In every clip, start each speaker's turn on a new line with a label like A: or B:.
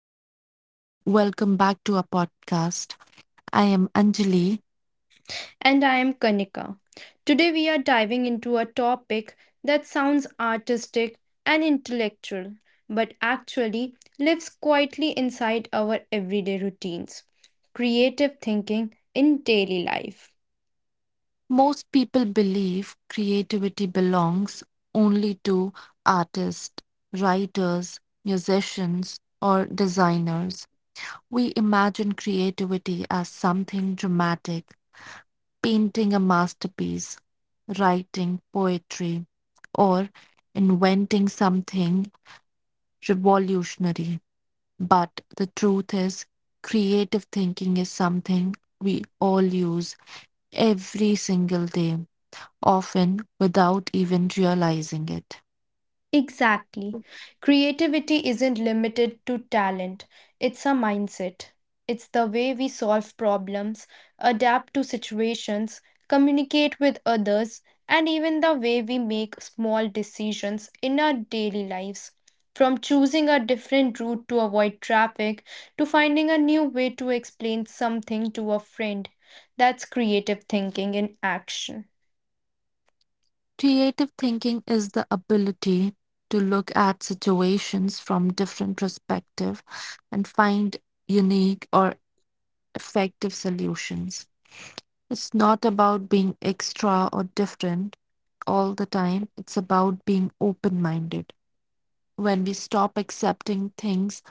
A: everyone, and welcome back to our podcast. I am Anjali.
B: And I am Kanika. Today we are diving into a topic that sounds artistic and intellectual, but actually lives quietly inside our everyday routines creative thinking in daily life.
A: Most people believe creativity belongs only to artists, writers, musicians, or designers. We imagine creativity as something dramatic, painting a masterpiece, writing poetry, or inventing something revolutionary. But the truth is, creative thinking is something we all use every single day, often without even realizing it.
B: Exactly. Creativity isn't limited to talent, it's a mindset. It's the way we solve problems, adapt to situations, communicate with others, and even the way we make small decisions in our daily lives. From choosing a different route to avoid traffic to finding a new way to explain something to a friend. That's creative thinking in action.
A: Creative thinking is the ability to look at situations from different perspective and find unique or effective solutions. It's not about being extra or different all the time. It's about being open-minded. When we stop accepting things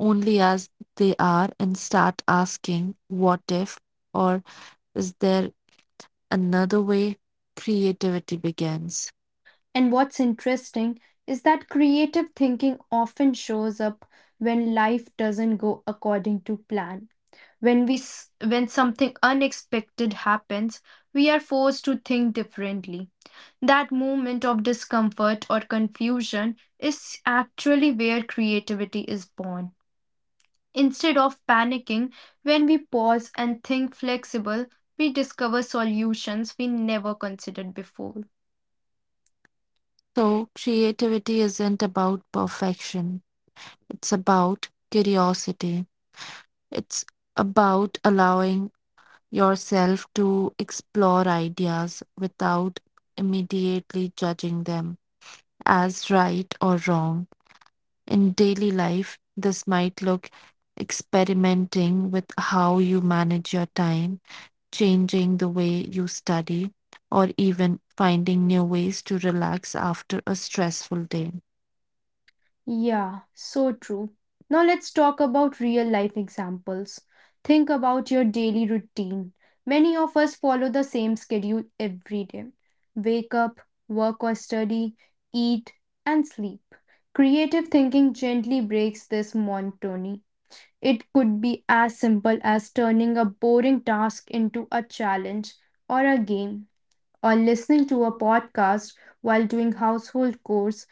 A: only as they are and start asking, what if, or is there another way, creativity begins.
B: And what's interesting is that creative thinking often shows up when life doesn't go according to plan. When something unexpected happens, we are forced to think differently. That moment of discomfort or confusion is actually where creativity is born. Instead of panicking, when we pause and think flexible, we discover solutions we never considered before.
A: So, creativity isn't about perfection, it's about curiosity. It's about allowing yourself to explore ideas without immediately judging them as right or wrong. In daily life, this might look experimenting with how you manage your time, changing the way you study, or even finding new ways to relax after a stressful day.
B: Yeah, so true. Now let's talk about real life examples. Think about your daily routine. Many of us follow the same schedule every day wake up, work or study, eat, and sleep. Creative thinking gently breaks this monotony. It could be as simple as turning a boring task into a challenge or a game, or listening to a podcast while doing household chores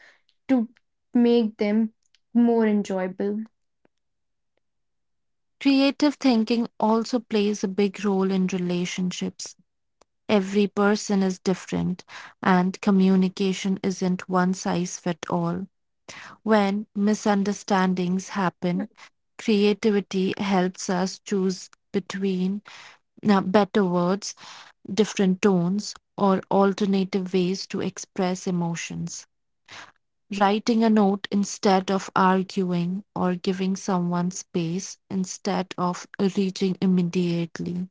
B: to make them more enjoyable.
A: Creative thinking also plays a big role in relationships. Every person is different, and communication isn't one size fits all. When misunderstandings happen, creativity helps us choose between better words, different tones, or alternative ways to express emotions. Writing a note instead of arguing, or giving someone space instead of reaching immediately.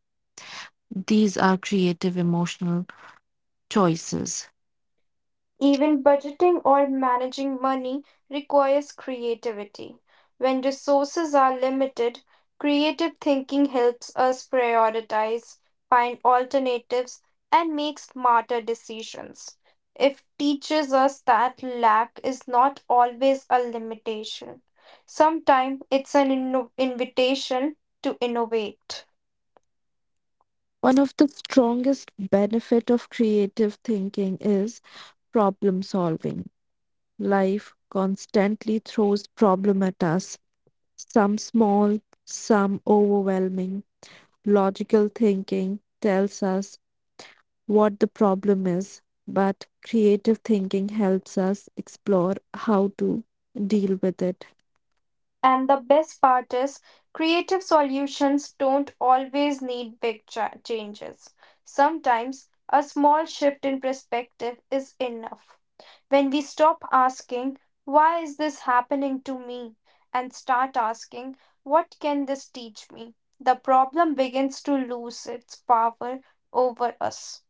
A: These are creative emotional choices.
B: Even budgeting or managing money requires creativity. When resources are limited, creative thinking helps us prioritize, find alternatives, and make smarter decisions. It teaches us that lack is not always a limitation. Sometimes it's an invitation to innovate.
A: One of the strongest benefit of creative thinking is problem solving. Life constantly throws problem at us, some small, some overwhelming. Logical thinking tells us what the problem is, but creative thinking helps us explore how to deal with it.
B: And the best part is, creative solutions don't always need big changes. Sometimes a small shift in perspective is enough. When we stop asking, why is this happening to me? And start asking, what can this teach me? The problem begins to lose its power over us.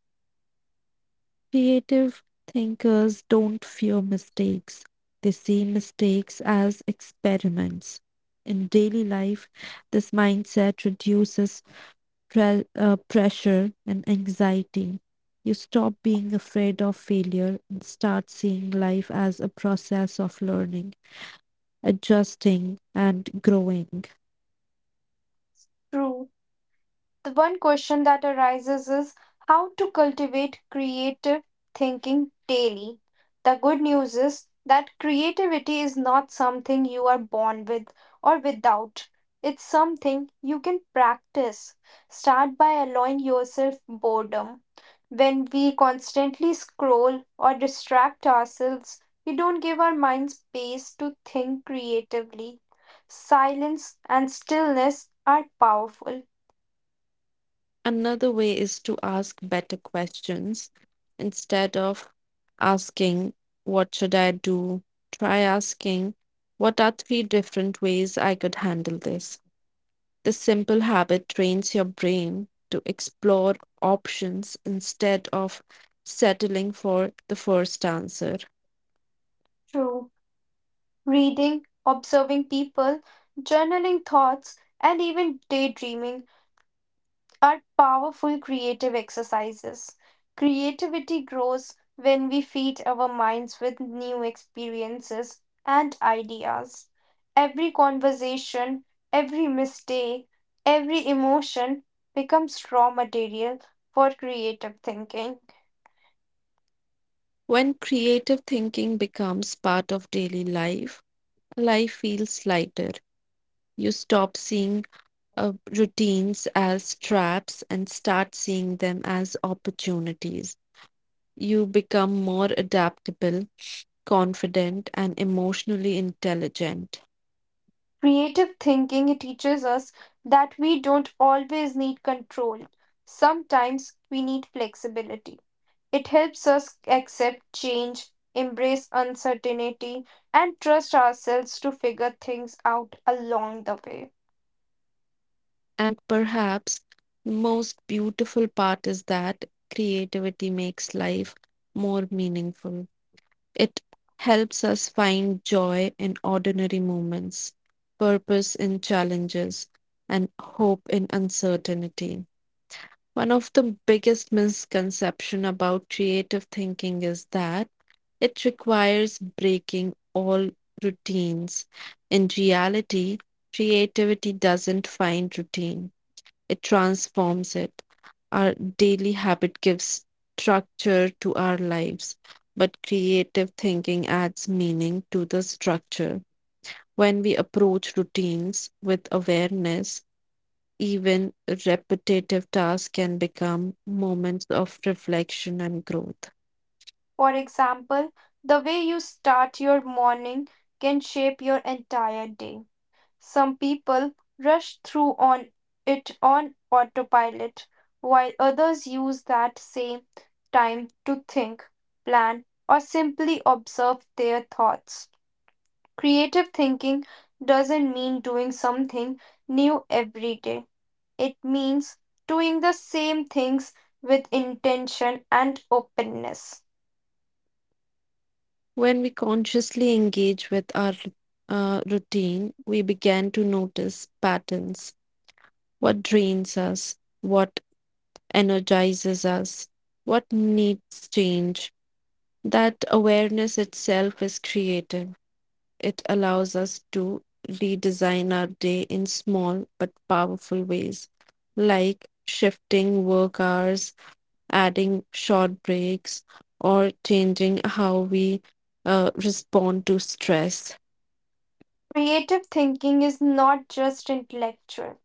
A: Creative thinkers don't fear mistakes. They see mistakes as experiments. In daily life, this mindset reduces pressure and anxiety. You stop being afraid of failure and start seeing life as a process of learning, adjusting, and growing.
B: True. The one question that arises is how to cultivate creative thinking daily. The good news is that creativity is not something you are born with or without. It's something you can practice. Start by allowing yourself boredom. When we constantly scroll or distract ourselves, we don't give our minds space to think creatively. Silence and stillness are powerful.
A: Another way is to ask better questions. Instead of asking, what should I do? Try asking, what are three different ways I could handle this? This simple habit trains your brain to explore options instead of settling for the first answer.
B: True. Reading, observing people, journaling thoughts, and even daydreaming are powerful creative exercises. Creativity grows when we feed our minds with new experiences and ideas. Every conversation, every mistake, every emotion becomes raw material for creative thinking.
A: When creative thinking becomes part of daily life, life feels lighter. You stop seeing routines as traps and start seeing them as opportunities. You become more adaptable, confident, and emotionally intelligent.
B: Creative thinking teaches us that we don't always need control. Sometimes we need flexibility. It helps us accept change, embrace uncertainty, and trust ourselves to figure things out along the way.
A: And perhaps the most beautiful part is that creativity makes life more meaningful. It helps us find joy in ordinary moments, purpose in challenges, and hope in uncertainty. One of the biggest misconceptions about creative thinking is that it requires breaking all routines. In reality, creativity doesn't find routine. It transforms it. Our daily habit gives structure to our lives, but creative thinking adds meaning to the structure. When we approach routines with awareness, even repetitive tasks can become moments of reflection and growth.
B: For example, the way you start your morning can shape your entire day. Some people rush through on it on autopilot, while others use that same time to think, plan, or simply observe their thoughts. Creative thinking doesn't mean doing something new every day. It means doing the same things with intention and openness.
A: When we consciously engage with our routine, we begin to notice patterns what drains us, what energizes us, what needs change. That awareness itself is creative. It allows us to redesign our day in small but powerful ways, like shifting work hours adding short breaks, or changing how we respond to stress.
B: Creative thinking is not just intellectual.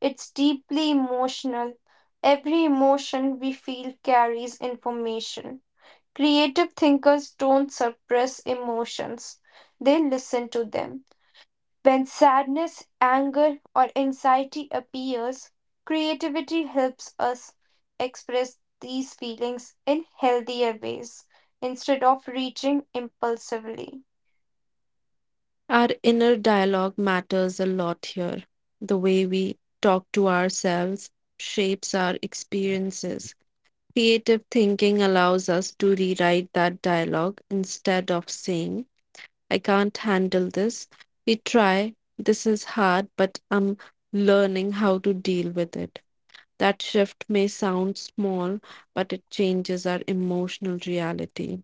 B: It's deeply emotional. Every emotion we feel carries information. Creative thinkers don't suppress emotions, they listen to them. When sadness, anger, or anxiety appears, creativity helps us express these feelings in healthier ways instead of reaching impulsively.
A: Our inner dialogue matters a lot here. The way we talk to ourselves shapes our experiences. Creative thinking allows us to rewrite that dialogue instead of saying, I can't handle this. We try, this is hard, but I'm learning how to deal with it. That shift may sound small, but it changes our emotional reality.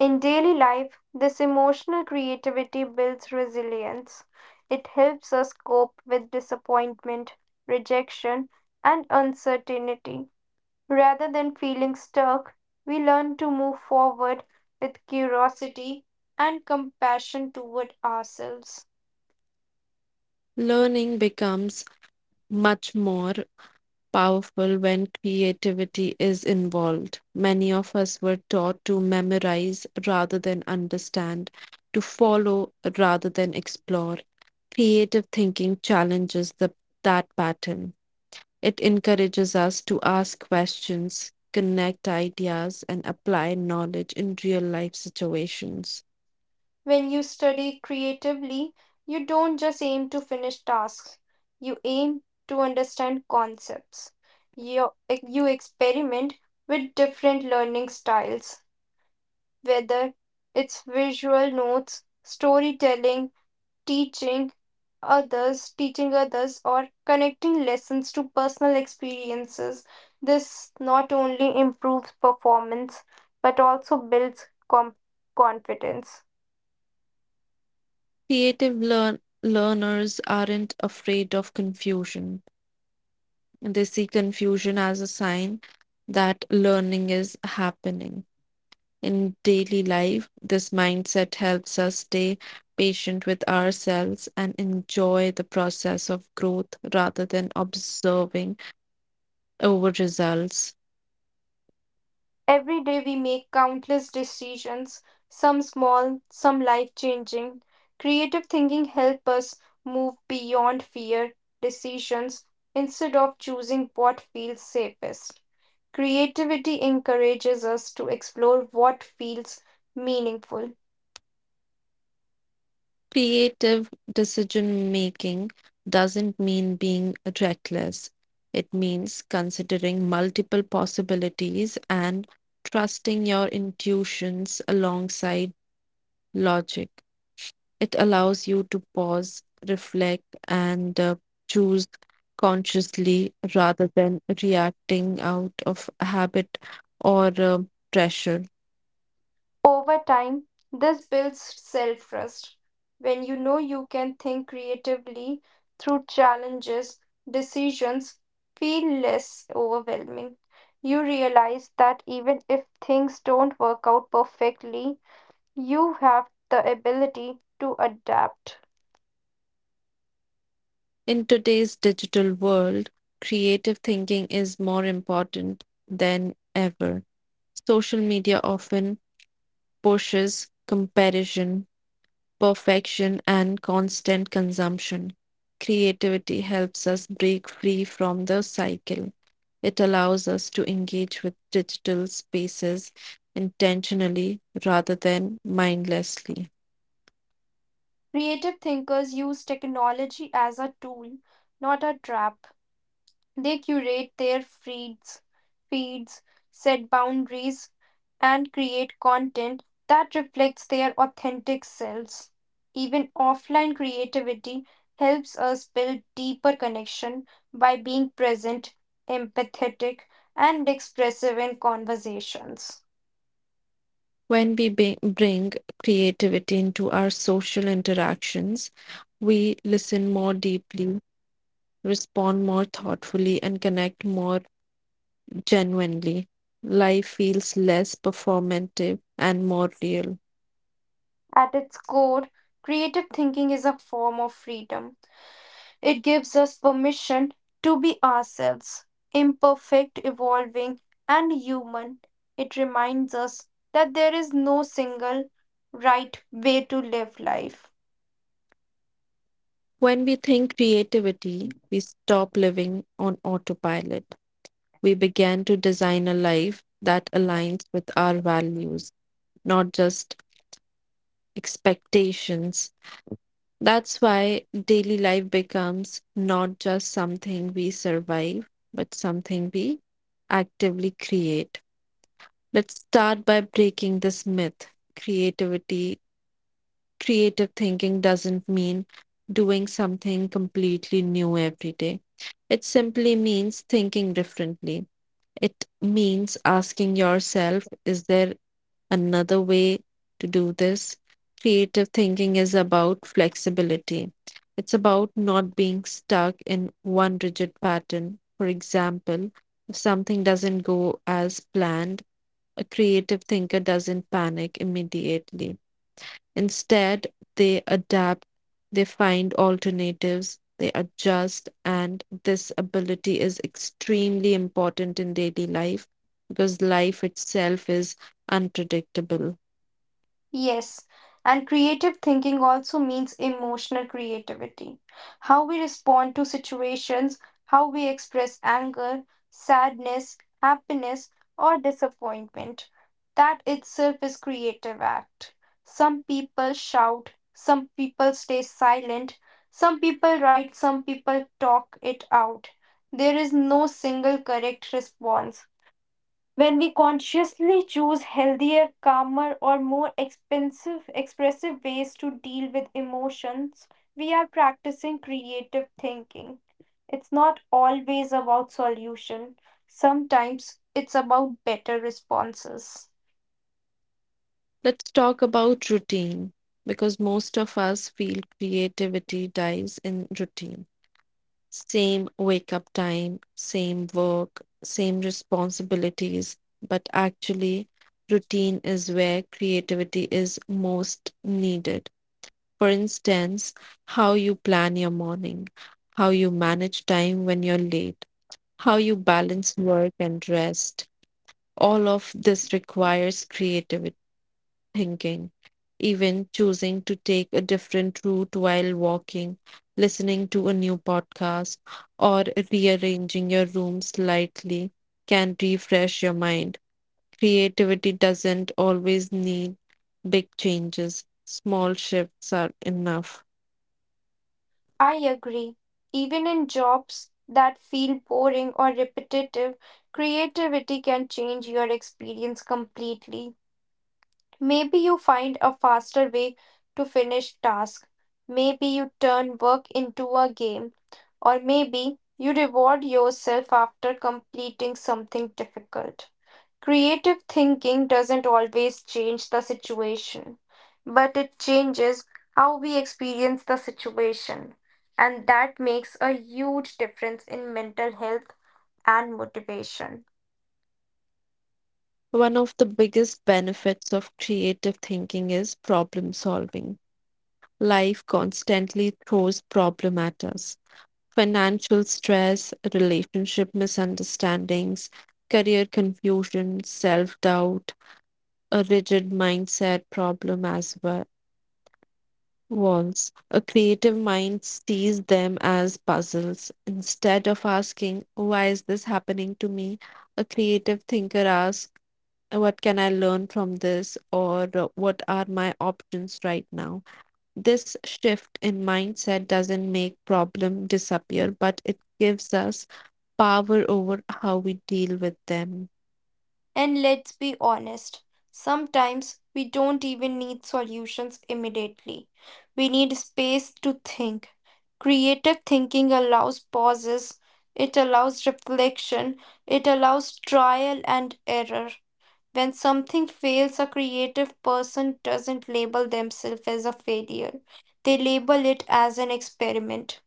B: In daily life, this emotional creativity builds resilience. It helps us cope with disappointment, rejection, and uncertainty. Rather than feeling stuck, we learn to move forward with curiosity and compassion toward ourselves.
A: Learning becomes much more powerful when creativity is involved. Many of us were taught to memorize rather than understand, to follow rather than explore. Creative thinking challenges that pattern. It encourages us to ask questions, connect ideas, and apply knowledge in real life situations.
B: When you study creatively, you don't just aim to finish tasks, you aim to understand concepts. You, you experiment with different learning styles, whether it's visual notes, storytelling, teaching teaching others, or connecting lessons to personal experiences. This not only improves performance but also builds confidence.
A: Creative learners aren't afraid of confusion, they see confusion as a sign that learning is happening. In daily life, this mindset helps us stay patient with ourselves and enjoy the process of growth rather than observing over results.
B: Every day we make countless decisions, some small, some life changing. Creative thinking helps us move beyond fear decisions instead of choosing what feels safest. Creativity encourages us to explore what feels meaningful.
A: Creative decision making doesn't mean being reckless. It means considering multiple possibilities and trusting your intuitions alongside logic. It allows you to pause, reflect, and choose consciously rather than reacting out of habit or pressure.
B: Over time, this builds self trust. When you know you can think creatively through challenges, decisions feel less overwhelming. You realize that even if things don't work out perfectly, you have the ability to adapt.
A: In today's digital world, creative thinking is more important than ever. Social media often pushes comparison, perfection, and constant consumption. Creativity helps us break free from the cycle. It allows us to engage with digital spaces intentionally rather than mindlessly.
B: Creative thinkers use technology as a tool, not a trap. They curate their feeds, set boundaries, and create content that reflects their authentic selves. Even offline creativity helps us build deeper connection by being present, empathetic, and expressive in conversations.
A: When we bring creativity into our social interactions, we listen more deeply, respond more thoughtfully, and connect more genuinely. Life feels less performative and more real.
B: At its core, creative thinking is a form of freedom. It gives us permission to be ourselves, imperfect, evolving, and human. It reminds us that there is no single right way to live life.
A: When we think creativity, we stop living on autopilot. We begin to design a life that aligns with our values, not just expectations. That's why daily life becomes not just something we survive, but something we actively create. Let's start by breaking this myth. Creativity, creative thinking doesn't mean doing something completely new every day. It simply means thinking differently. It means asking yourself, is there another way to do this? Creative thinking is about flexibility. It's about not being stuck in one rigid pattern. For example, if something doesn't go as planned, a creative thinker doesn't panic immediately. Instead, they adapt, they find alternatives, they adjust, and this ability is extremely important in daily life because life itself is unpredictable.
B: Yes, and creative thinking also means emotional creativity. How we respond to situations, how we express anger, sadness, happiness, or disappointment. That itself is creative act. Some people shout, some people stay silent, some people write, some people talk it out. There is no single correct response. When we consciously choose healthier, calmer, or more expensive, expressive ways to deal with emotions, we are practicing creative thinking. It's not always about solution. Sometimes it's about better responses.
A: Let's talk about routine because most of us feel creativity dies in routine. Same wake up time, same work, same responsibilities, but actually, routine is where creativity is most needed. For instance, how you plan your morning, how you manage time when you're late, how you balance work and rest. All of this requires creativity thinking, even choosing to take a different route while walking, listening to a new podcast, or rearranging your room slightly can refresh your mind. Creativity doesn't always need big changes, small shifts are enough.
B: I agree. Even in jobs that feel boring or repetitive, creativity can change your experience completely. Maybe you find a faster way to finish task. Maybe you turn work into a game. Or maybe you reward yourself after completing something difficult. Creative thinking doesn't always change the situation, but it changes how we experience the situation. And that makes a huge difference in mental health and motivation.
A: One of the biggest benefits of creative thinking is problem solving. Life constantly throws problem at us. Financial stress, relationship misunderstandings, career confusion, self doubt, a rigid mindset problem as well. Walls. A creative mind sees them as puzzles. Instead of asking, why is this happening to me? A creative thinker asks, what can I learn from this? Or what are my options right now? This shift in mindset doesn't make problem disappear, but it gives us power over how we deal with them.
B: And let's be honest, sometimes we don't even need solutions immediately. We need space to think. Creative thinking allows pauses, it allows reflection, it allows trial and error. When something fails, a creative person doesn't label themselves as a failure. They label it as an experiment.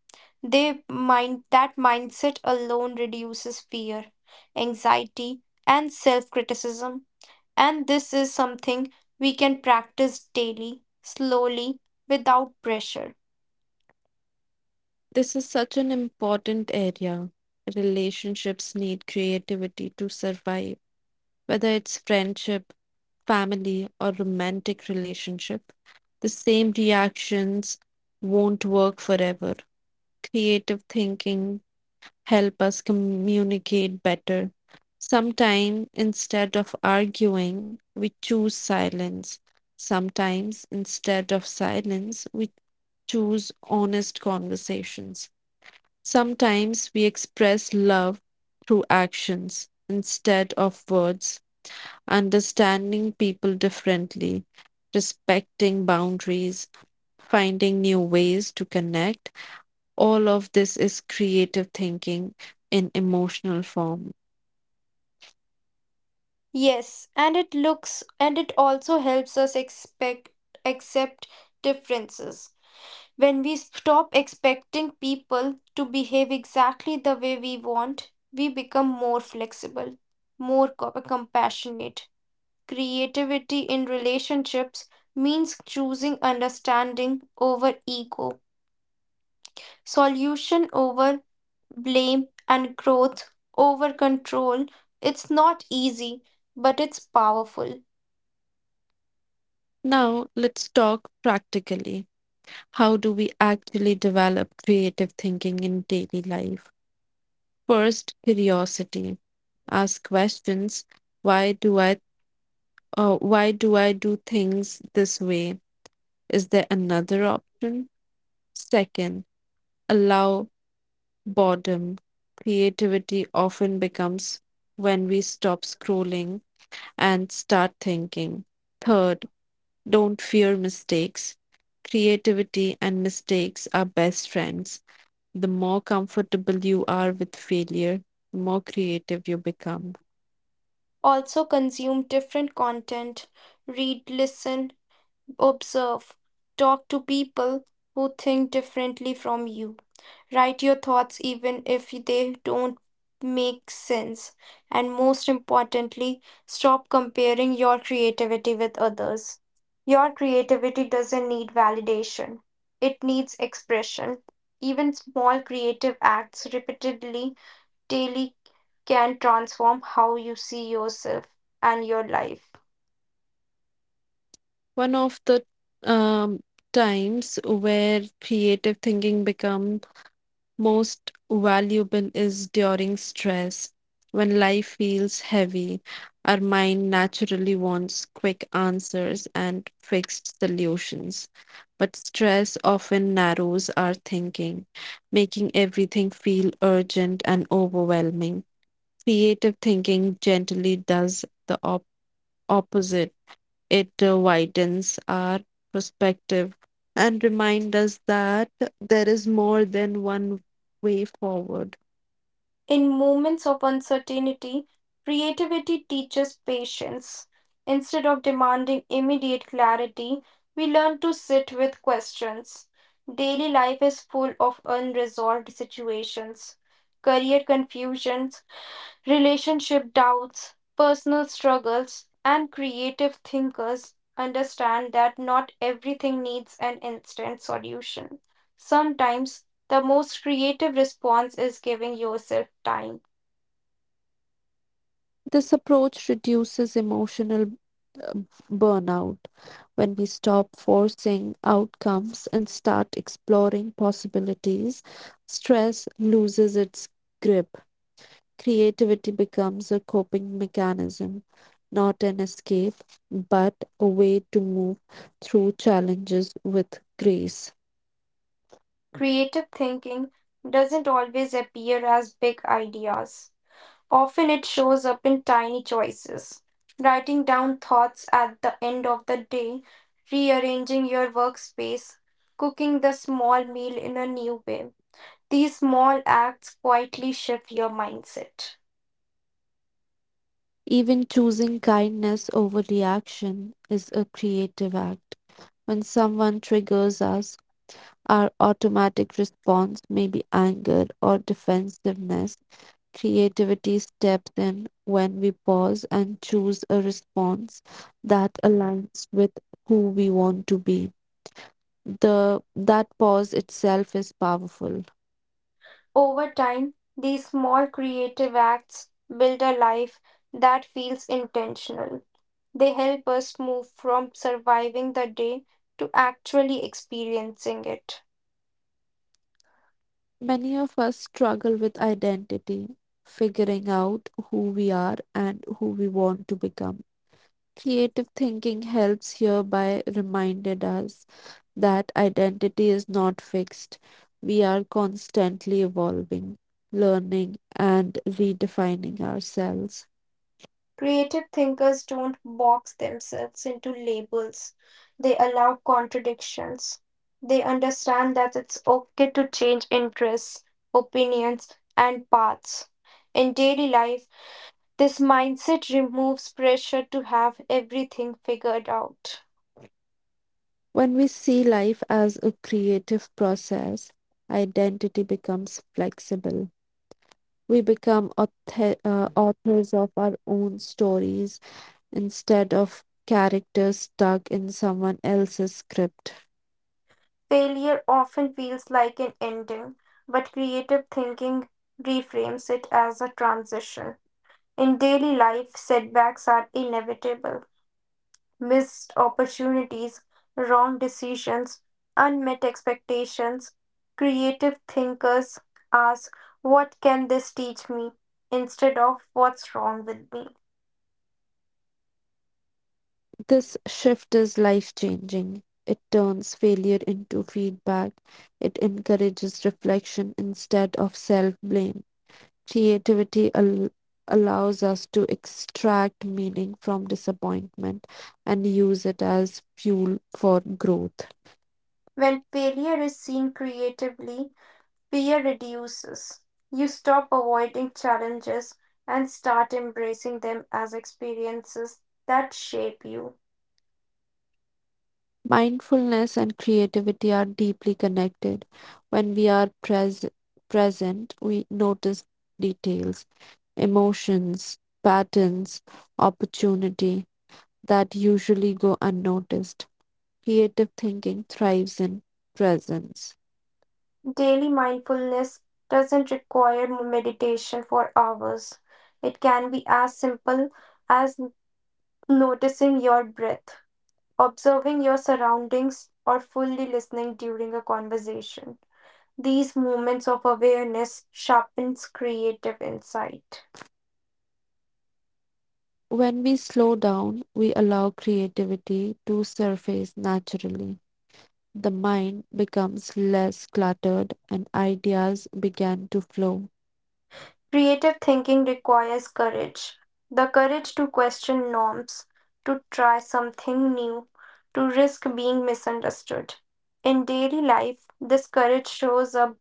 B: They mind that mindset alone reduces fear, anxiety, and self-criticism. And this is something we can practice daily, slowly, without pressure.
A: This is such an important area. Relationships need creativity to survive, whether it's friendship, family, or romantic relationship. The same reactions won't work forever. Creative thinking help us communicate better. Sometimes, instead of arguing, we choose silence. Sometimes, instead of silence, we choose honest conversations. Sometimes, we express love through actions instead of words, understanding people differently, respecting boundaries, finding new ways to connect all of this is creative thinking in emotional form.
B: Yes, and it looks and it also helps us expect accept differences. When we stop expecting people to behave exactly the way we want, we become more flexible, more compassionate. Creativity in relationships means choosing understanding over ego, solution over blame, and growth over control. It's not easy, but it's powerful.
A: Now, let's talk practically. How do we actually develop creative thinking in daily life? First, curiosity. Ask questions. Why do I why do I do things this way? Is there another option? Second, allow boredom. Creativity often becomes when we stop scrolling and start thinking. Third, don't fear mistakes. Creativity and mistakes are best friends. The more comfortable you are with failure, the more creative you become.
B: Also, consume different content, read, listen, observe. Talk to people who think differently from you. Write your thoughts even if they don't make sense. And most importantly, stop comparing your creativity with others. Your creativity doesn't need validation, it needs expression. Even small creative acts repeatedly daily can transform how you see yourself and your life.
A: One of the um, times where creative thinking becomes most valuable is during stress. When life feels heavy, our mind naturally wants quick answers and fixed solutions. But stress often narrows our thinking, making everything feel urgent and overwhelming. Creative thinking gently does the opposite. It widens our perspective and reminds us that there is more than one way forward.
B: In moments of uncertainty, creativity teaches patience. Instead of demanding immediate clarity, we learn to sit with questions. Daily life is full of unresolved situations, career confusion, relationship doubts, personal struggles, and creative thinkers understand that not everything needs an instant solution. Sometimes the most creative response is giving yourself time.
A: This approach reduces emotional burnout when we stop forcing outcomes and start exploring possibilities. Stress loses its grip. Creativity becomes a coping mechanism, not an escape, but a way to move through challenges with grace.
B: Creative thinking doesn't always appear as big ideas. Often it shows up in tiny choices. Writing down thoughts at the end of the day, rearranging your workspace, cooking the small meal in a new way. These small acts quietly shift your mindset.
A: Even choosing kindness over reaction is a creative act. When someone triggers us, our automatic response may be anger or defensiveness. Creativity steps in when we pause and choose a response that aligns with who we want to be. The that pause itself is powerful.
B: Over time, these small creative acts build a life that feels intentional. They help us move from surviving the day to actually experiencing it.
A: Many of us struggle with identity, figuring out who we are and who we want to become. Creative thinking helps here by reminded us that identity is not fixed. We are constantly evolving, learning, and redefining ourselves.
B: Creative thinkers don't box themselves into labels, they allow contradictions. They understand that it's okay to change interests, opinions, and paths. In daily life, this mindset removes pressure to have everything figured out.
A: When we see life as a creative process, identity becomes flexible. We become authors of our own stories instead of characters stuck in someone else's script.
B: Failure often feels like an ending, but creative thinking reframes it as a transition. In daily life, setbacks are inevitable. Missed opportunities, wrong decisions, unmet expectations. Creative thinkers ask, what can this teach me? Instead of what's wrong with me?
A: This shift is life changing. It turns failure into feedback. It encourages reflection instead of self blame. Creativity allows us to extract meaning from disappointment and use it as fuel for growth.
B: When failure is seen creatively, fear reduces. You stop avoiding challenges and start embracing them as experiences that shape you.
A: Mindfulness and creativity are deeply connected. When we are present, we notice details, emotions, patterns, opportunity that usually go unnoticed. Creative thinking thrives in presence.
B: Daily mindfulness doesn't require meditation for hours. It can be as simple as noticing your breath, observing your surroundings, or fully listening during a conversation. These moments of awareness sharpens creative insight.
A: When we slow down, we allow creativity to surface naturally. The mind becomes less cluttered and ideas begin to flow.
B: Creative thinking requires courage. The courage to question norms, to try something new, to risk being misunderstood. In daily life, this courage shows up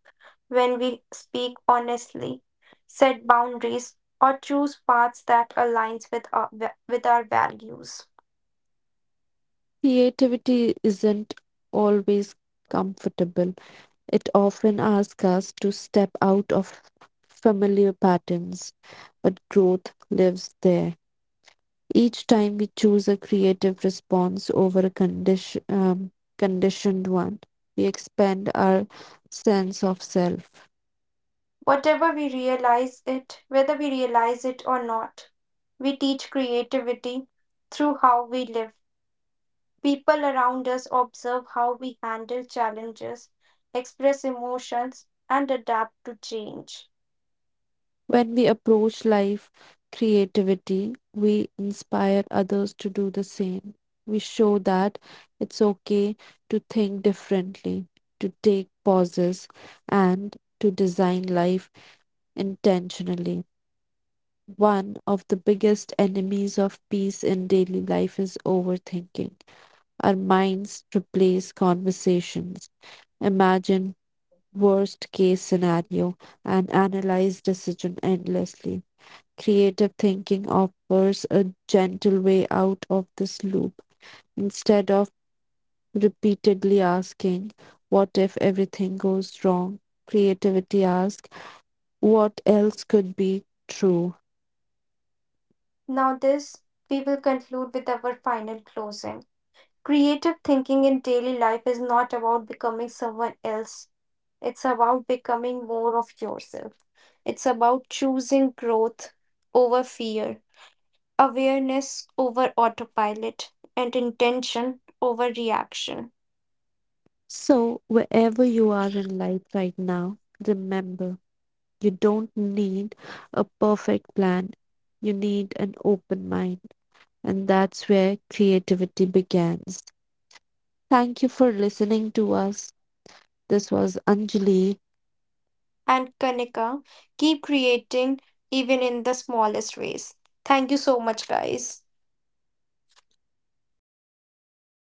B: when we speak honestly, set boundaries, or choose paths that aligns with with our values.
A: Creativity isn't always comfortable, it often asks us to step out of familiar patterns, but growth lives there. Each time we choose a creative response over a conditioned one, we expand our sense of self.
B: Whatever we realize it, whether we realize it or not, we teach creativity through how we live. People around us observe how we handle challenges, express emotions, and adapt to change.
A: When we approach life creativity, we inspire others to do the same. We show that it's okay to think differently, to take pauses, and to design life intentionally. One of the biggest enemies of peace in daily life is overthinking. Our minds replace conversations, imagine worst case scenario, and analyze decision endlessly. Creative thinking offers a gentle way out of this loop. Instead of repeatedly asking, what if everything goes wrong? Creativity asks, what else could be true?
B: Now, this we will conclude with our final closing. Creative thinking in daily life is not about becoming someone else, it's about becoming more of yourself. It's about choosing growth over fear awareness over autopilot, and intention over reaction.
A: So, wherever you are in life right now, remember, you don't need a perfect plan, you need an open mind. And that's where creativity begins. Thank you for listening to us. This was Anjali.
B: And Kanika, keep creating even in the smallest ways. Thank you so much, guys.